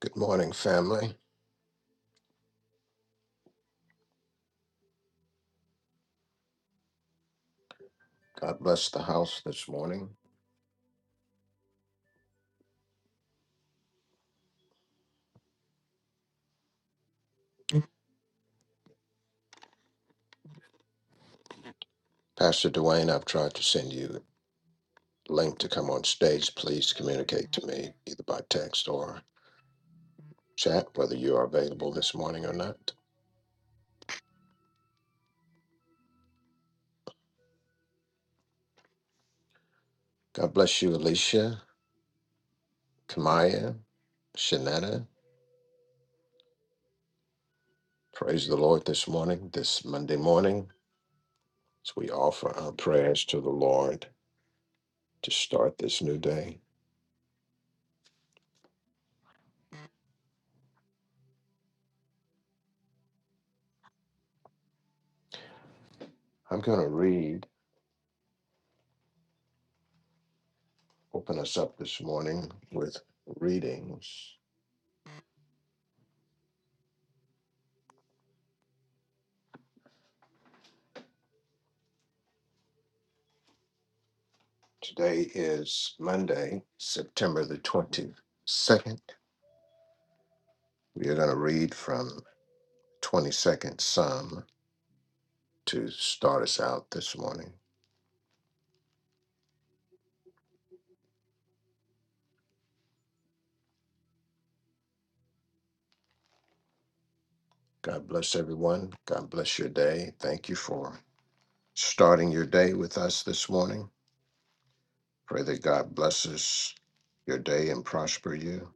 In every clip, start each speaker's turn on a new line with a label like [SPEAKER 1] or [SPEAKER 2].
[SPEAKER 1] Good morning, family. God bless the house this morning. Pastor Dwayne, I've tried to send you a link to come on stage. Please communicate to me either by text or chat whether you are available this morning or not. God bless you, Alicia, Kamaya, Shanetta. Praise the Lord this morning, this Monday morning, as we offer our prayers to the Lord to start this new day. I'm going to read, open us up this morning with readings Today is Monday, September the 22nd. We are going to read from 22nd Psalm to start us out this morning. God bless everyone. God bless your day. Thank you for starting your day with us this morning. Pray that God blesses your day and prosper you.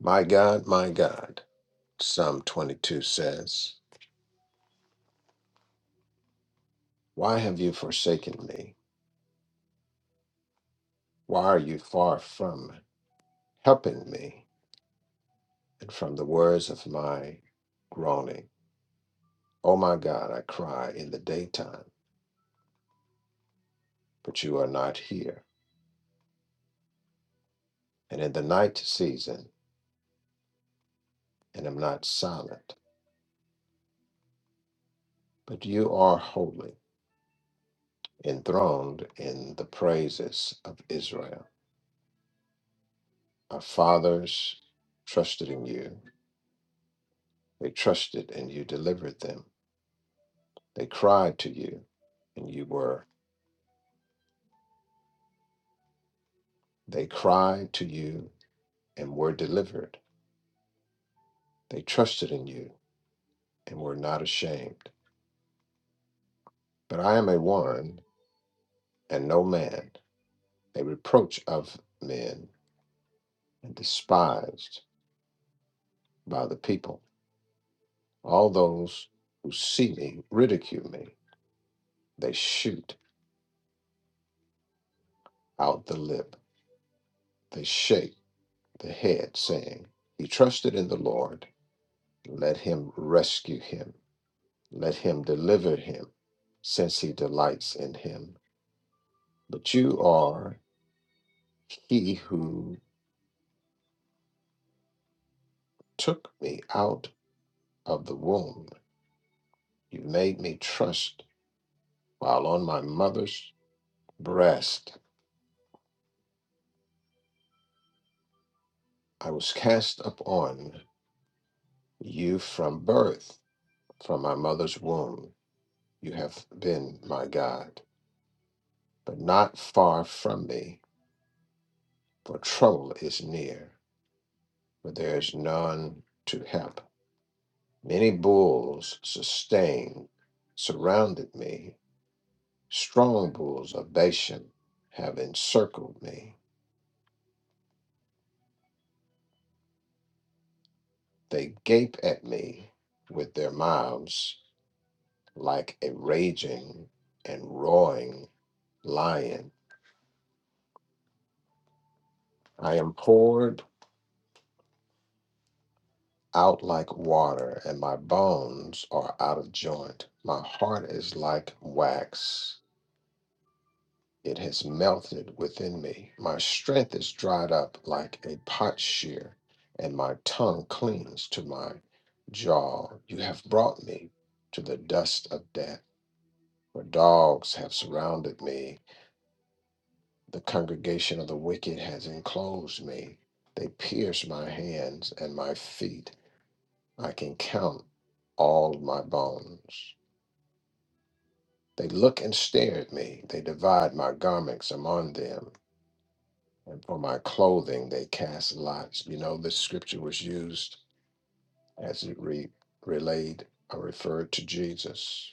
[SPEAKER 1] My God, my God, Psalm 22 says, Why have you forsaken me? Why are you far from helping me? and from the words of my groaning. O my God, I cry in the daytime, but you are not here, and in the night season, and am not silent. But you are holy, enthroned in the praises of Israel. Our fathers trusted in you, they trusted and you delivered them. They cried to you, and you were. They cried to you and were delivered. They trusted in you and were not ashamed. But I am a one and no man, a reproach of men and despised by the people. All those who see me ridicule me. They shoot out the lip, they shake the head, saying, He trusted in the Lord. Let him rescue him, let him deliver him, since he delights in him. But you are he who took me out of the womb. You made me trust While on my mother's breast, I was cast upon you from birth, from my mother's womb. You have been my God, but not far from me, for trouble is near, for there is none to help. Many bulls sustained, surrounded me. Strong bulls of Bashan have encircled me. They gape at me with their mouths like a raging and roaring lion. I am poured out like water, and my bones are out of joint. My heart is like wax. It has melted within me. My strength is dried up like a potsherd, and my tongue clings to my jaw. You have brought me to the dust of death, for dogs have surrounded me The congregation of the wicked has enclosed me. They pierce my hands and my feet. I can count all my bones. They look and stare at me. They divide my garments among them, and for my clothing they cast lots. You know, this scripture was used as it re- relayed or referred to Jesus.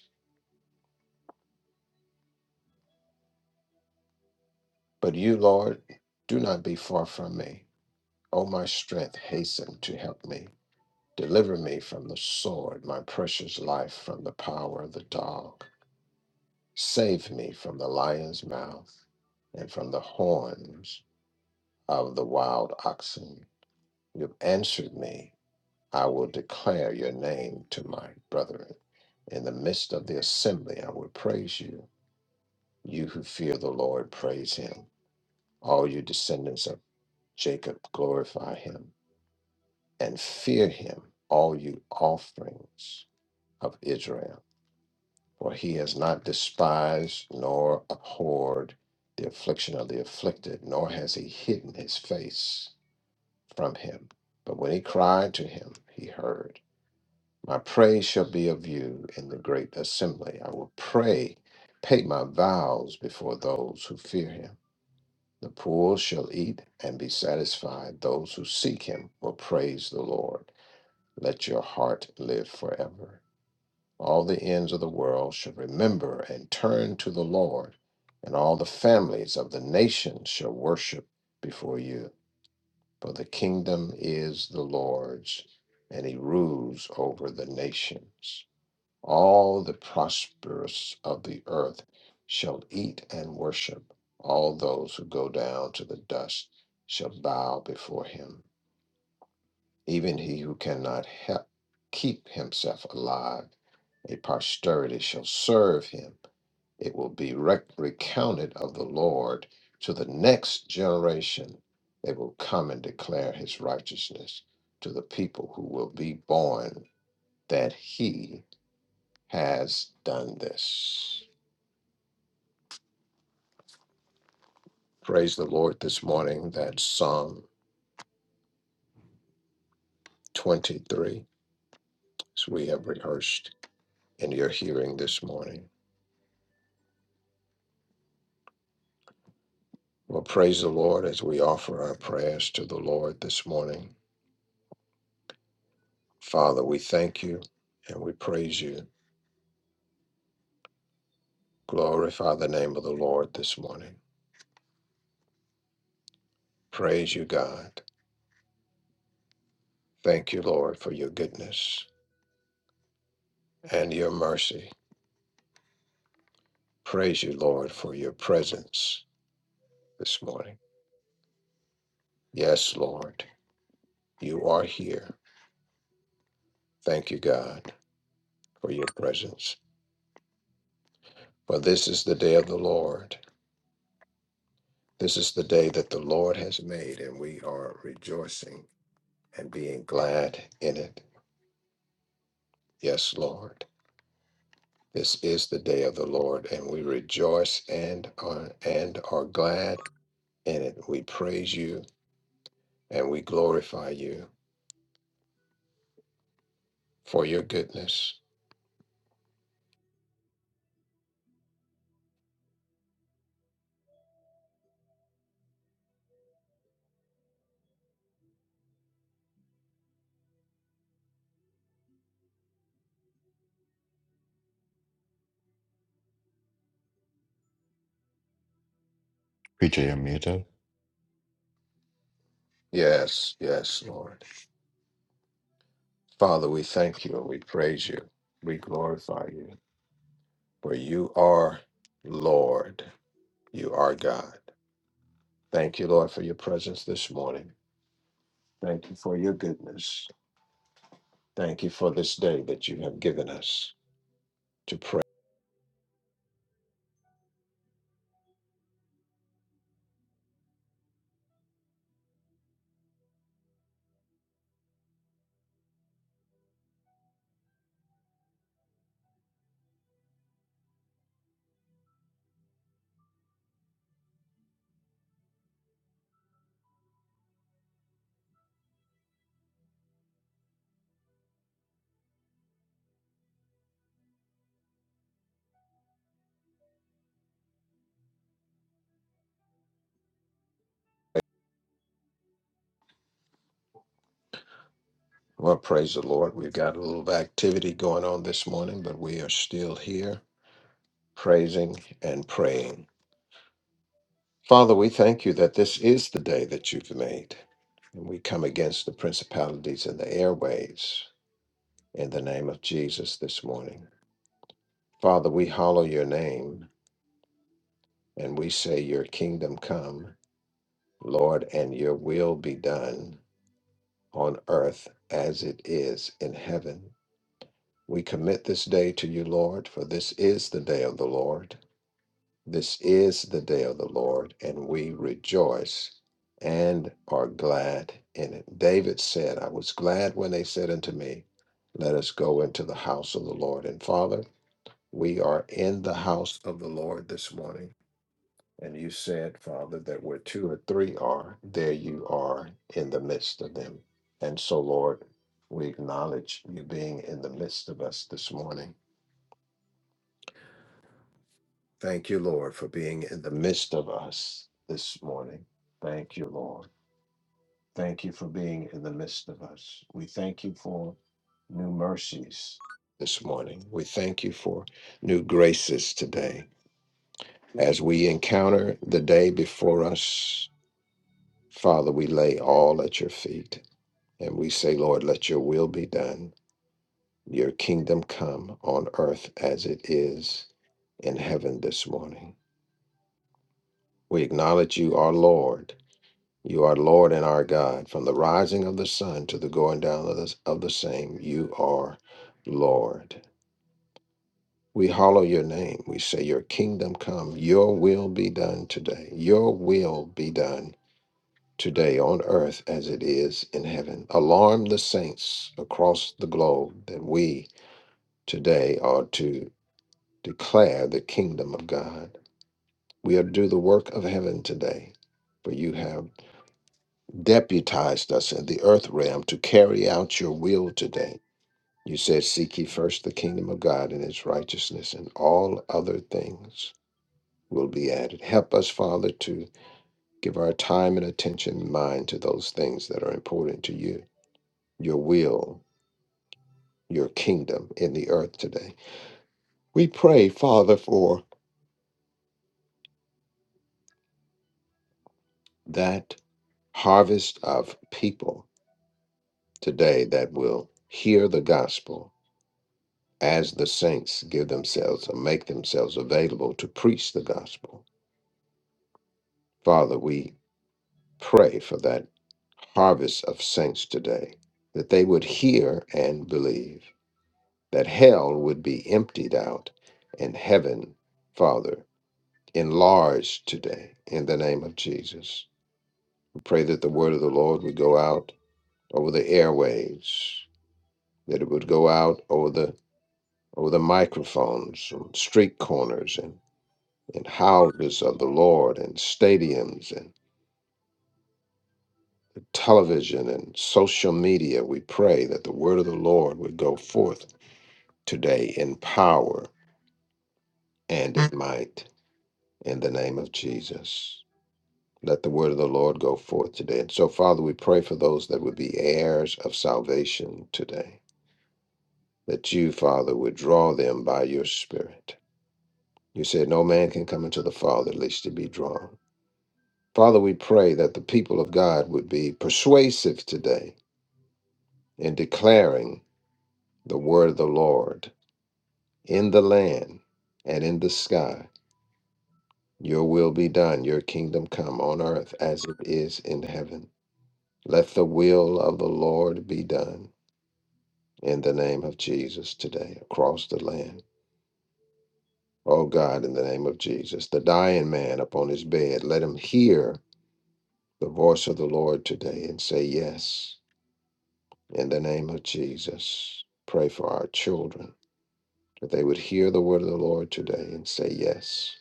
[SPEAKER 1] But you, Lord, do not be far from me. O my strength, hasten to help me. Deliver me from the sword, my precious life from the power of the dog. Save me from the lion's mouth and from the horns of the wild oxen. You have answered me. I will declare your name to my brethren. In the midst of the assembly, I will praise you. You who fear the Lord, praise him. All you descendants of Jacob, glorify him and fear him, all you offerings of Israel. For he has not despised nor abhorred the affliction of the afflicted, nor has he hidden his face from him. But when he cried to him, he heard. My praise shall be of you in the great assembly. I will pray, pay my vows before those who fear him. The poor shall eat and be satisfied. Those who seek him will praise the Lord. Let your heart live forever all the ends of the world should remember and turn to the Lord, and all the families of the nations shall worship before you. For the kingdom is the Lord's, and he rules over the nations. All the prosperous of the earth shall eat and worship. All those who go down to the dust shall bow before him even he who cannot help keep himself alive, a posterity shall serve him. It will be rec- recounted of the Lord to the next generation. They will come and declare his righteousness to the people who will be born that he has done this. Praise the Lord this morning. That's Psalm 23, as we have rehearsed in your hearing this morning. Well, praise the Lord as we offer our prayers to the Lord this morning. Father, we thank you and we praise you. Glorify the name of the Lord this morning. Praise you, God. Thank you, Lord, for your goodness and your mercy. Praise you, Lord, for your presence this morning. Yes, Lord, you are here. Thank you, God, for your presence. For this is the day of the Lord. This is the day that the Lord has made, and we are rejoicing and being glad in it. Yes, Lord. This is the day of the Lord, and we rejoice and are and are glad in it. We praise you and we glorify you for your goodness.
[SPEAKER 2] P.J. pjmmeter
[SPEAKER 1] Yes, yes, Lord. Father, we thank you and we praise you. We glorify you. For you are Lord. You are God. Thank you, Lord, for your presence this morning. Thank you for your goodness. Thank you for this day that you have given us to pray Well, praise the Lord. We've got a little activity going on this morning, but we are still here praising and praying. Father, we thank you that this is the day that you've made, and we come against the principalities and the airways in the name of Jesus this morning. Father, we hallow your name and we say, Your kingdom come, Lord, and your will be done on earth as it is in heaven. We commit this day to you, Lord, for this is the day of the Lord This is the day of the Lord, and we rejoice and are glad in it. David said, I was glad when they said unto me, Let us go into the house of the Lord. And Father, we are in the house of the Lord this morning. And you said, Father, that where two or three are, there you are in the midst of them. And so, Lord, we acknowledge you being in the midst of us this morning. Thank you, Lord, for being in the midst of us this morning. Thank you, Lord. Thank you for being in the midst of us. We thank you for new mercies this morning. We thank you for new graces today. As we encounter the day before us, Father, we lay all at your feet and we say, Lord, let your will be done. Your kingdom come on earth as it is in heaven this morning. We acknowledge you, our Lord. You are Lord and our God. From the rising of the sun to the going down of the, of the same, you are Lord. We hallow your name. We say, Your kingdom come, your will be done today. Your will be done today on earth as it is in heaven. Alarm the saints across the globe that we today are to declare the kingdom of God. We are to do the work of heaven today, for you have deputized us in the earth realm to carry out your will today. You said, Seek ye first the kingdom of God and its righteousness, and all other things will be added. Help us, Father, to give our time and attention and mind to those things that are important to you, your will, your kingdom in the earth today. We pray, Father, for that harvest of people today that will hear the gospel as the saints give themselves and make themselves available to preach the gospel. Father, we pray for that harvest of saints today, that they would hear and believe, that hell would be emptied out and heaven, Father, enlarged today in the name of Jesus. We pray that the word of the Lord would go out over the airwaves, that it would go out over the over the microphones, on street corners, and. and houses of the Lord and stadiums and television and social media. We pray that the word of the Lord would go forth today in power and in might in the name of Jesus. Let the word of the Lord go forth today. And so, Father, we pray for those that would be heirs of salvation today, that you, Father, would draw them by your Spirit. You said, No man can come into the Father lest he be drawn. Father, we pray that the people of God would be persuasive today In declaring the word of the Lord in the land and in the sky. Your will be done, your kingdom come on earth as it is in heaven. Let the will of the Lord be done in the name of Jesus today across the land. Oh God, in the name of Jesus, the dying man upon his bed, let him hear the voice of the Lord today and say, Yes, in the name of Jesus. Pray for our children that they would hear the word of the Lord today and say, Yes.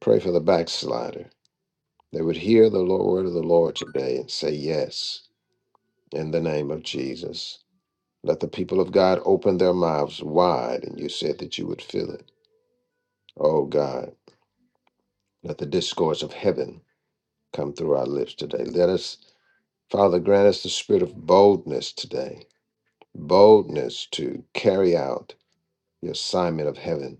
[SPEAKER 1] Pray for the backslider. They would hear the Lord, word of the Lord today and say yes in the name of Jesus. Let the people of God open their mouths wide, and you said that you would fill it. Oh God, let the discourse of heaven come through our lips today. Let us, Father, grant us the spirit of boldness today, boldness to carry out your assignment of heaven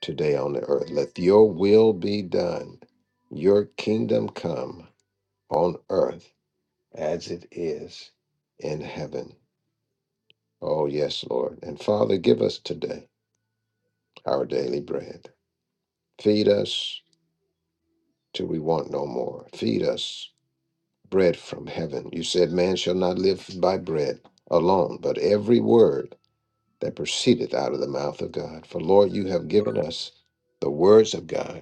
[SPEAKER 1] today on the earth. Let your will be done, your kingdom come on earth as it is in heaven. Oh, yes, Lord. And Father, give us today our daily bread. Feed us till we want no more. Feed us bread from heaven. You said, Man shall not live by bread alone, but every word that proceedeth out of the mouth of God. For, Lord, you have given us the words of God.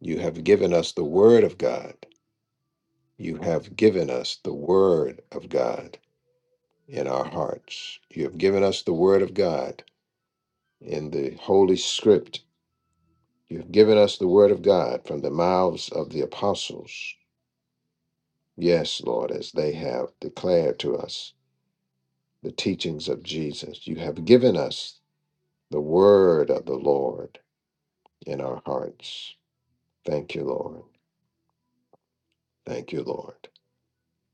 [SPEAKER 1] You have given us the word of God. You have given us the word of God in our hearts. You have given us the word of God in the Holy Script. You've given us the Word of God from the mouths of the apostles. Yes, Lord, as they have declared to us the teachings of Jesus. You have given us the Word of the Lord in our hearts. Thank you, Lord. Thank you, Lord.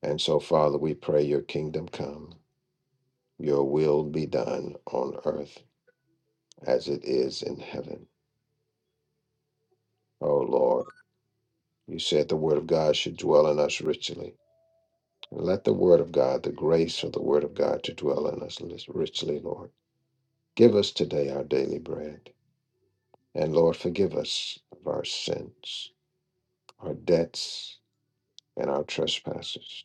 [SPEAKER 1] And so, Father, we pray your kingdom come, your will be done on earth as it is in heaven. Oh, Lord, you said the Word of God should dwell in us richly. Let the word of God, the grace of the word of God to dwell in us richly, Lord. Give us today our daily bread. And Lord, forgive us of our sins, our debts, and our trespasses.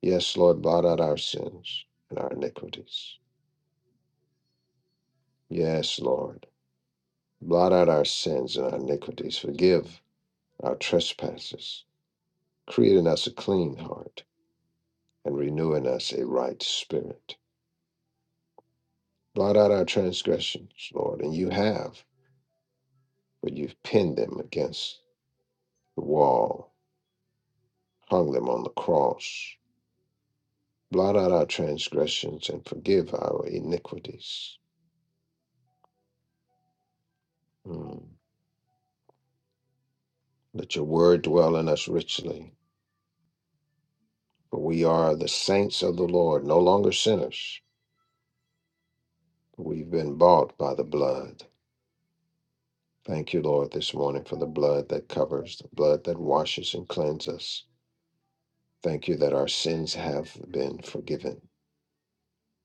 [SPEAKER 1] Yes, Lord, blot out our sins and our iniquities. Yes, Lord, blot out our sins and our iniquities. Forgive our trespasses. Create in us a clean heart and renew in us a right spirit. Blot out our transgressions, Lord, and you have. but you've pinned them against the wall, hung them on the cross. Blot out our transgressions and forgive our iniquities. Mm. Let your word dwell in us richly, for we are the saints of the Lord, no longer sinners. We've been bought by the blood. Thank you, Lord, this morning for the blood that covers, the blood that washes and cleanses us. Thank you that our sins have been forgiven.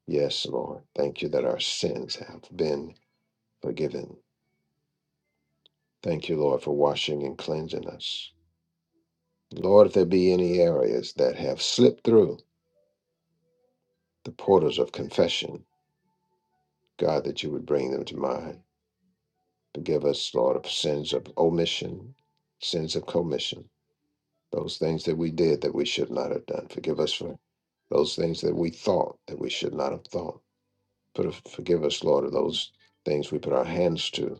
[SPEAKER 1] Yes, Lord. Thank you that our sins have been forgiven. Thank you, Lord, for washing and cleansing us. Lord, if there be any areas that have slipped through the portals of confession, God, that you would bring them to mind. Forgive us, Lord, of sins of omission, sins of commission, those things that we did that we should not have done. Forgive us for those things that we thought that we should not have thought. But forgive us, Lord, of those things we put our hands to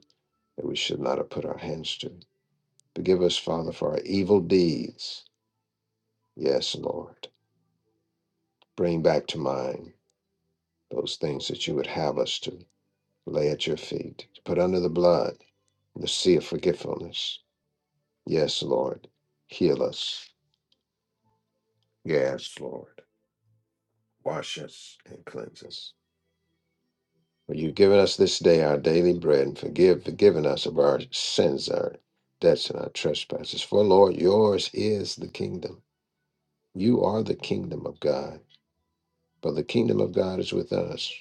[SPEAKER 1] that we should not have put our hands to. Forgive us, Father, for our evil deeds. Yes, Lord. Bring back to mind those things that you would have us to lay at your feet, to put under the blood, the sea of forgetfulness. Yes, Lord. Heal us. Yes, Lord. Wash us and cleanse us. For you've given us this day our daily bread and forgive, forgiven us of our sins, our debts, and our trespasses. For, Lord, yours is the kingdom. You are the kingdom of God. For the kingdom of God is with us,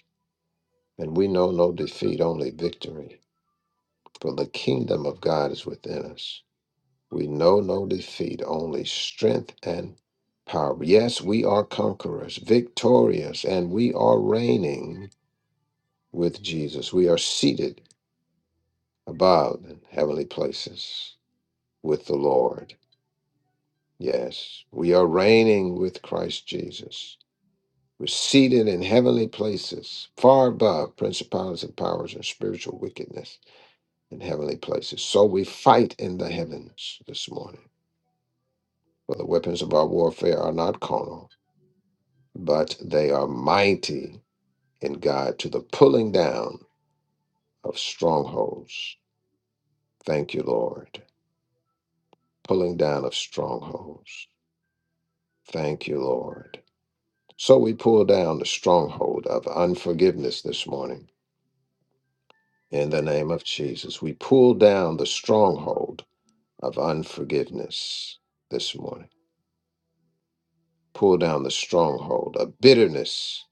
[SPEAKER 1] and we know no defeat, only victory. for the kingdom of God is within us. We know no defeat, only strength and power. Yes, we are conquerors, victorious, and we are reigning with Jesus. We are seated above in heavenly places with the Lord. Yes, we are reigning with Christ Jesus. We're seated in heavenly places, far above principalities and powers and spiritual wickedness in heavenly places. So we fight in the heavens this morning. For the weapons of our warfare are not carnal, but they are mighty in God to the pulling down of strongholds. Thank you, Lord. Pulling down of strongholds. Thank you, Lord. So we pull down the stronghold of unforgiveness this morning. In the name of Jesus, we pull down the stronghold of unforgiveness this morning. Pull down the stronghold of bitterness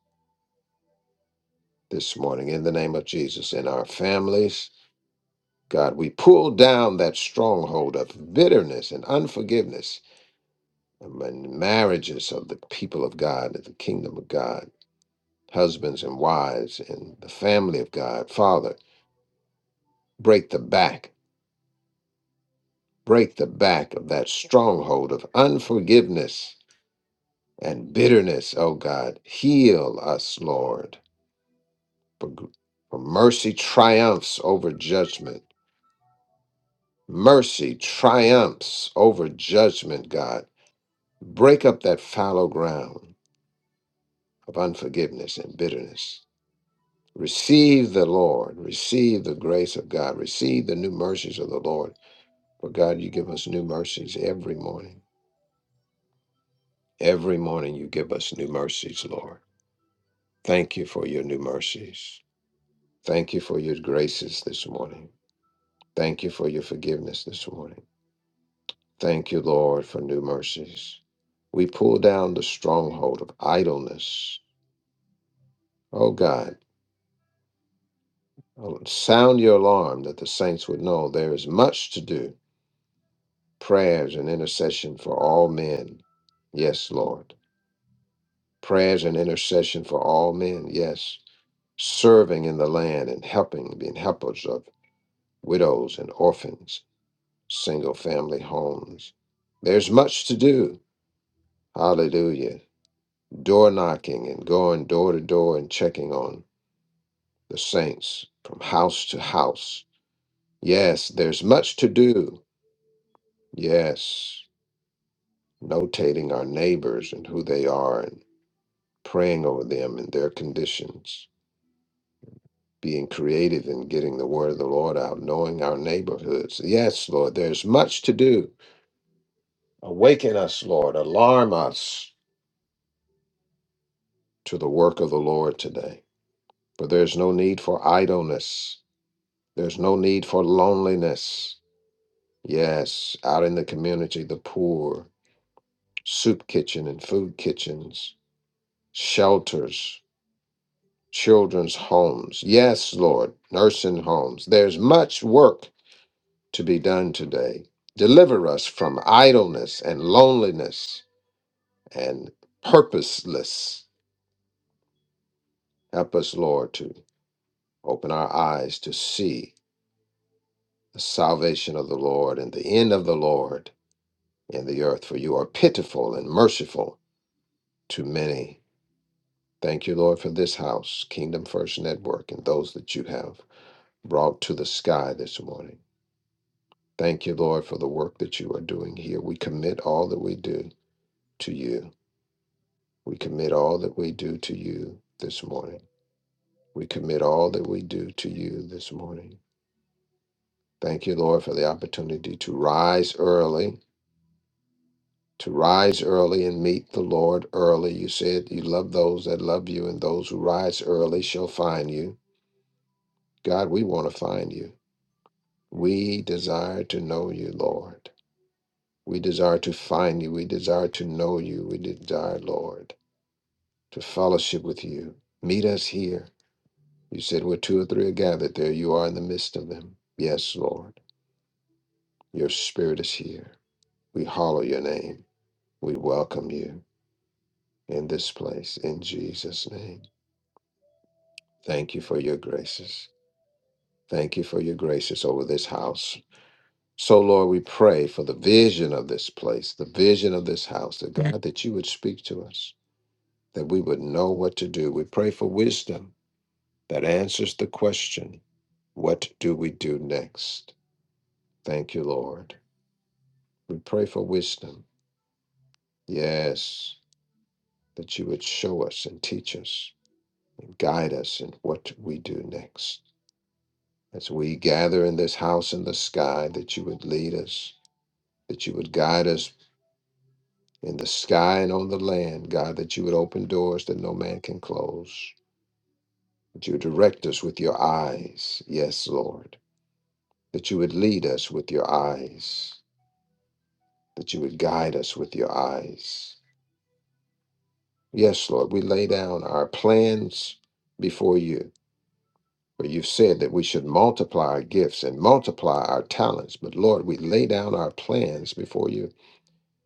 [SPEAKER 1] this morning in the name of Jesus in our families, God, we pull down that stronghold of bitterness and unforgiveness among marriages of the people of God, of the kingdom of God, husbands and wives, and the family of God. Father, break the back, break the back of that stronghold of unforgiveness and bitterness, oh God. Heal us, Lord, for, gr- for mercy triumphs over judgment. Mercy triumphs over judgment, God. Break up that fallow ground of unforgiveness and bitterness. Receive the Lord. Receive the grace of God. Receive the new mercies of the Lord. For God, you give us new mercies every morning. Every morning you give us new mercies, Lord. Thank you for your new mercies. Thank you for your graces this morning. Thank you for your forgiveness this morning. Thank you, Lord, for new mercies. We pull down the stronghold of idleness. Oh God. Oh, Sound your alarm that the saints would know there is much to do. Prayers and intercession for all men. Yes, Lord. Prayers and intercession for all men. Yes. Serving in the land and helping, being helpers of widows and orphans, single family homes. There's much to do. Hallelujah. Door knocking and going door to door and checking on the saints from house to house. Yes, there's much to do. Yes. notating our neighbors and who they are and praying over them and their conditions, being creative in getting the word of the Lord out, knowing our neighborhoods. Yes, Lord, there's much to do. Awaken us, Lord. Alarm us to the work of the Lord today. For there's no need for idleness, there's no need for loneliness. Yes, out in the community, the poor, soup kitchen and food kitchens, shelters, children's homes. Yes, Lord, nursing homes. There's much work to be done today. Deliver us from idleness and loneliness and purposeless. Help us, Lord, to open our eyes to see the salvation of the Lord and the end of the Lord in the earth, for you are pitiful and merciful to many. Thank you, Lord, for this house, Kingdom First Network, and those that you have brought to the sky this morning. Thank you, Lord, for the work that you are doing here. We commit all that we do to you. We commit all that we do to you this morning. We commit all that we do to you this morning. Thank you, Lord, for the opportunity to rise early, to rise early and meet the Lord early. You said you love those that love you, and those who rise early shall find you. God, we want to find you. We desire to know you, Lord. We desire to find you. We desire to know you. We desire, Lord. to fellowship with you. Meet us here. You said where two or three are gathered, there you are in the midst of them. Yes, Lord, your spirit is here. We hallow your name. We welcome you in this place in Jesus' name. Thank you for your graces. Thank you for your graces over this house. So, Lord, we pray for the vision of this place, the vision of this house, that God, that you would speak to us, that we would know what to do. We pray for wisdom that answers the question, What do we do next? Thank you, Lord. We pray for wisdom. Yes, that you would show us and teach us and guide us in what we do next. As we gather in this house in the sky, that you would lead us, that you would guide us in the sky and on the land, God, that you would open doors that no man can close, that you would direct us with your eyes. Yes, Lord, that you would lead us with your eyes that you would guide us with your eyes. Yes, Lord, we lay down our plans before you, for you've said that we should multiply our gifts and multiply our talents. But Lord, we lay down our plans before you.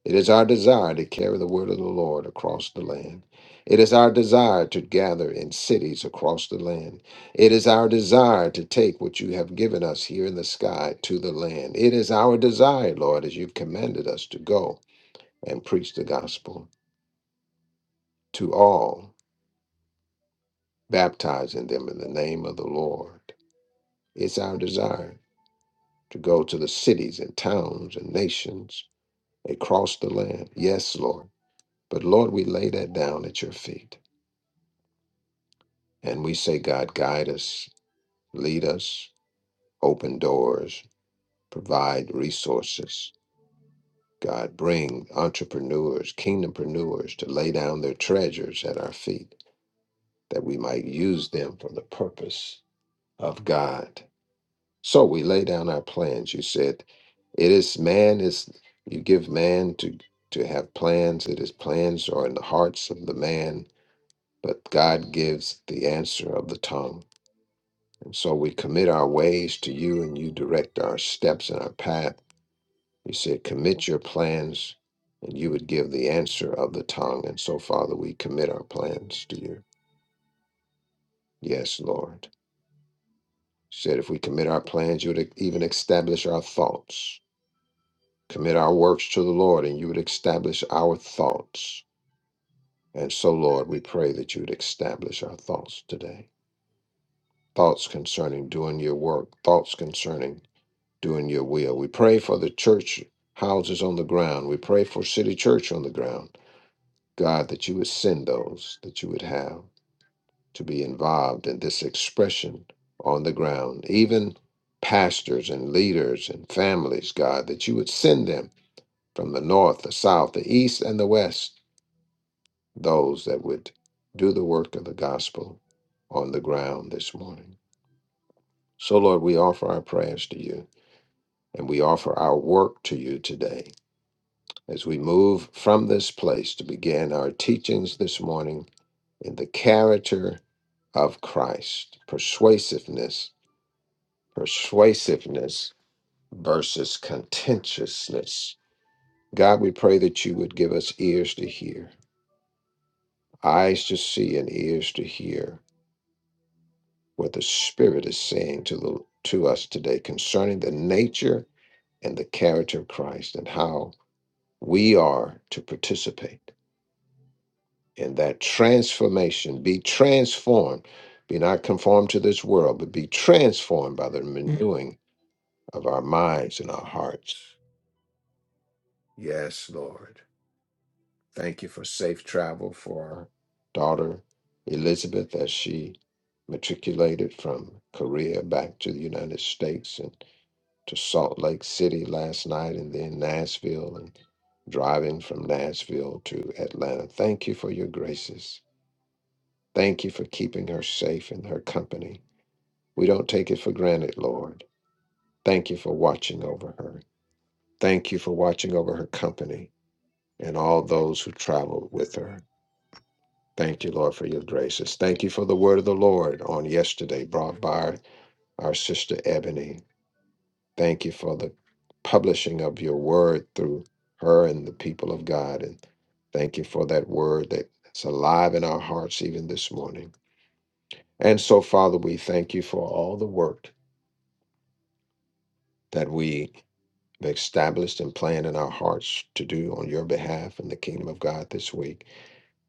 [SPEAKER 1] It is our desire to carry the word of the Lord across the land. It is our desire to gather in cities across the land. It is our desire to take what you have given us here in the sky to the land. It is our desire, Lord, as you've commanded us to go and preach the gospel. to all, baptizing them in the name of the Lord. It's our desire to go to the cities and towns and nations across the land. Yes, Lord. But Lord, we lay that down at your feet and we say, God, guide us, lead us, open doors, provide resources. God, bring entrepreneurs, kingdompreneurs to lay down their treasures at our feet that we might use them for the purpose of God So we lay down our plans. You said it is man is you give man to to have plans. It is plans are in the hearts of the man, but God gives the answer of the tongue. And so we commit our ways to you and you direct our steps and our path. You said commit your plans and you would give the answer of the tongue. And so Father, we commit our plans to you. Yes, Lord. You said if we commit our plans, you would even establish our thoughts. commit our works to the Lord, and you would establish our thoughts. And so, Lord, we pray that you would establish our thoughts today. Thoughts concerning doing your work, thoughts concerning doing your will. We pray for the church houses on the ground. We pray for City Church on the ground. God, that you would send those that you would have to be involved in this expression on the ground, even pastors and leaders and families, God, that you would send them from the north, the south, the east, and the west those that would do the work of the gospel on the ground this morning. So, Lord, we offer our prayers to you and we offer our work to you today as we move from this place to begin our teachings this morning in the character of Christ, persuasiveness, persuasiveness versus contentiousness. God, we pray that you would give us ears to hear, eyes to see, and ears to hear what the Spirit is saying to the to us today concerning the nature and the character of Christ and how we are to participate in that transformation, be transformed, be not conformed to this world, but be transformed by the renewing of our minds and our hearts. Yes, Lord. Thank you for safe travel for our daughter Elizabeth as she matriculated from Korea back to the United States and. to Salt Lake City last night and then Nashville and driving from Nashville to Atlanta. Thank you for your graces. Thank you for keeping her safe in her company. We don't take it for granted, Lord. Thank you for watching over her. Thank you for watching over her company and all those who traveled with her. Thank you, Lord, for your graces. Thank you for the word of the Lord on yesterday brought by our sister Ebony. Thank you for the publishing of your word through her and the people of God. And thank you for that word that's alive in our hearts even this morning. And so, Father, we thank you for all the work that we have established and planned in our hearts to do on your behalf in the kingdom of God this week.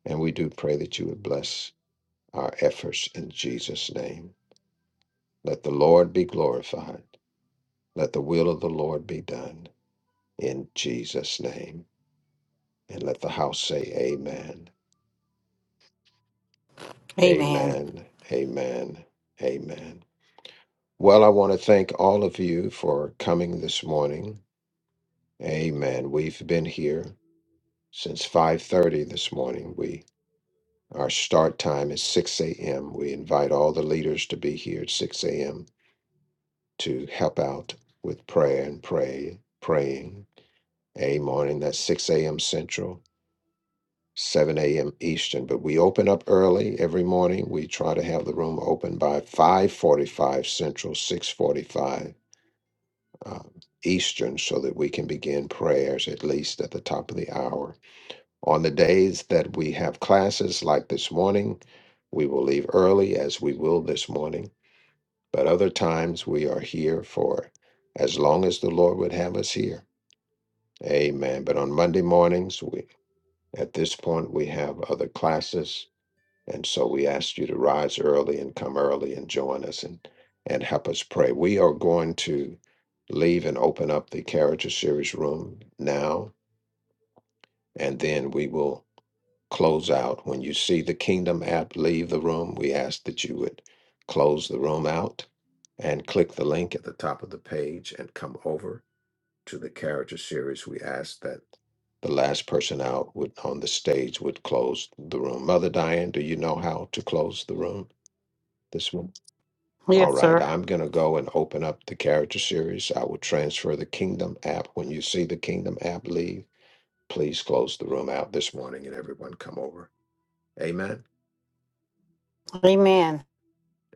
[SPEAKER 1] And we do pray that you would bless our efforts in Jesus' name. Let the Lord be glorified. Let the will of the Lord be done in Jesus' name. And let the house say amen.
[SPEAKER 3] Amen.
[SPEAKER 1] Amen. Amen. Amen. Well, I want to thank all of you for coming this morning. Amen. We've been here since 5:30 this morning. We our start time is 6 a.m. We invite all the leaders to be here at 6 a.m. to help out with prayer and pray, praying. Amen. And that's 6 a.m. Central. 7 a.m. Eastern, but we open up early every morning. We try to have the room open by 5:45 Central, 6:45 um, Eastern, so that we can begin prayers at least at the top of the hour. On the days that we have classes, like this morning, we will leave early, as we will this morning. But other times we are here for as long as the Lord would have us here. Amen. But on Monday mornings, we at this point we have other classes And so we ask you to rise early and come early and join us and, and help us pray. We are going to leave and open up the character series room now, and then we will close out. When you see the Kingdom app leave the room, we ask that you would close the room out and click the link at the top of the page and come over to the character series. We ask that the last person out would on the stage would close the room. Mother Diane, do you know how to close the room? This one. All
[SPEAKER 3] Yes,
[SPEAKER 1] right.
[SPEAKER 3] sir.
[SPEAKER 1] I'm going to go and open up the character series. I will transfer the Kingdom app. When you see the Kingdom app leave, please close the room out this morning and everyone come over. Amen.
[SPEAKER 3] Amen.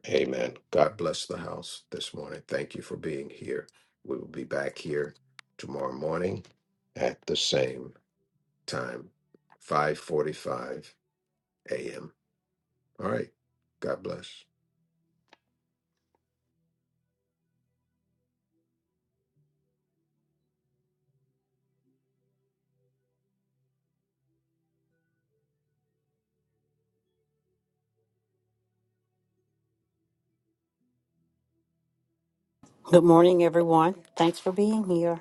[SPEAKER 1] Amen. God bless the house this morning. Thank you for being here. We will be back here tomorrow morning at the same time, 5:45 a.m. All right. God bless.
[SPEAKER 3] Good morning, everyone. Thanks for being here.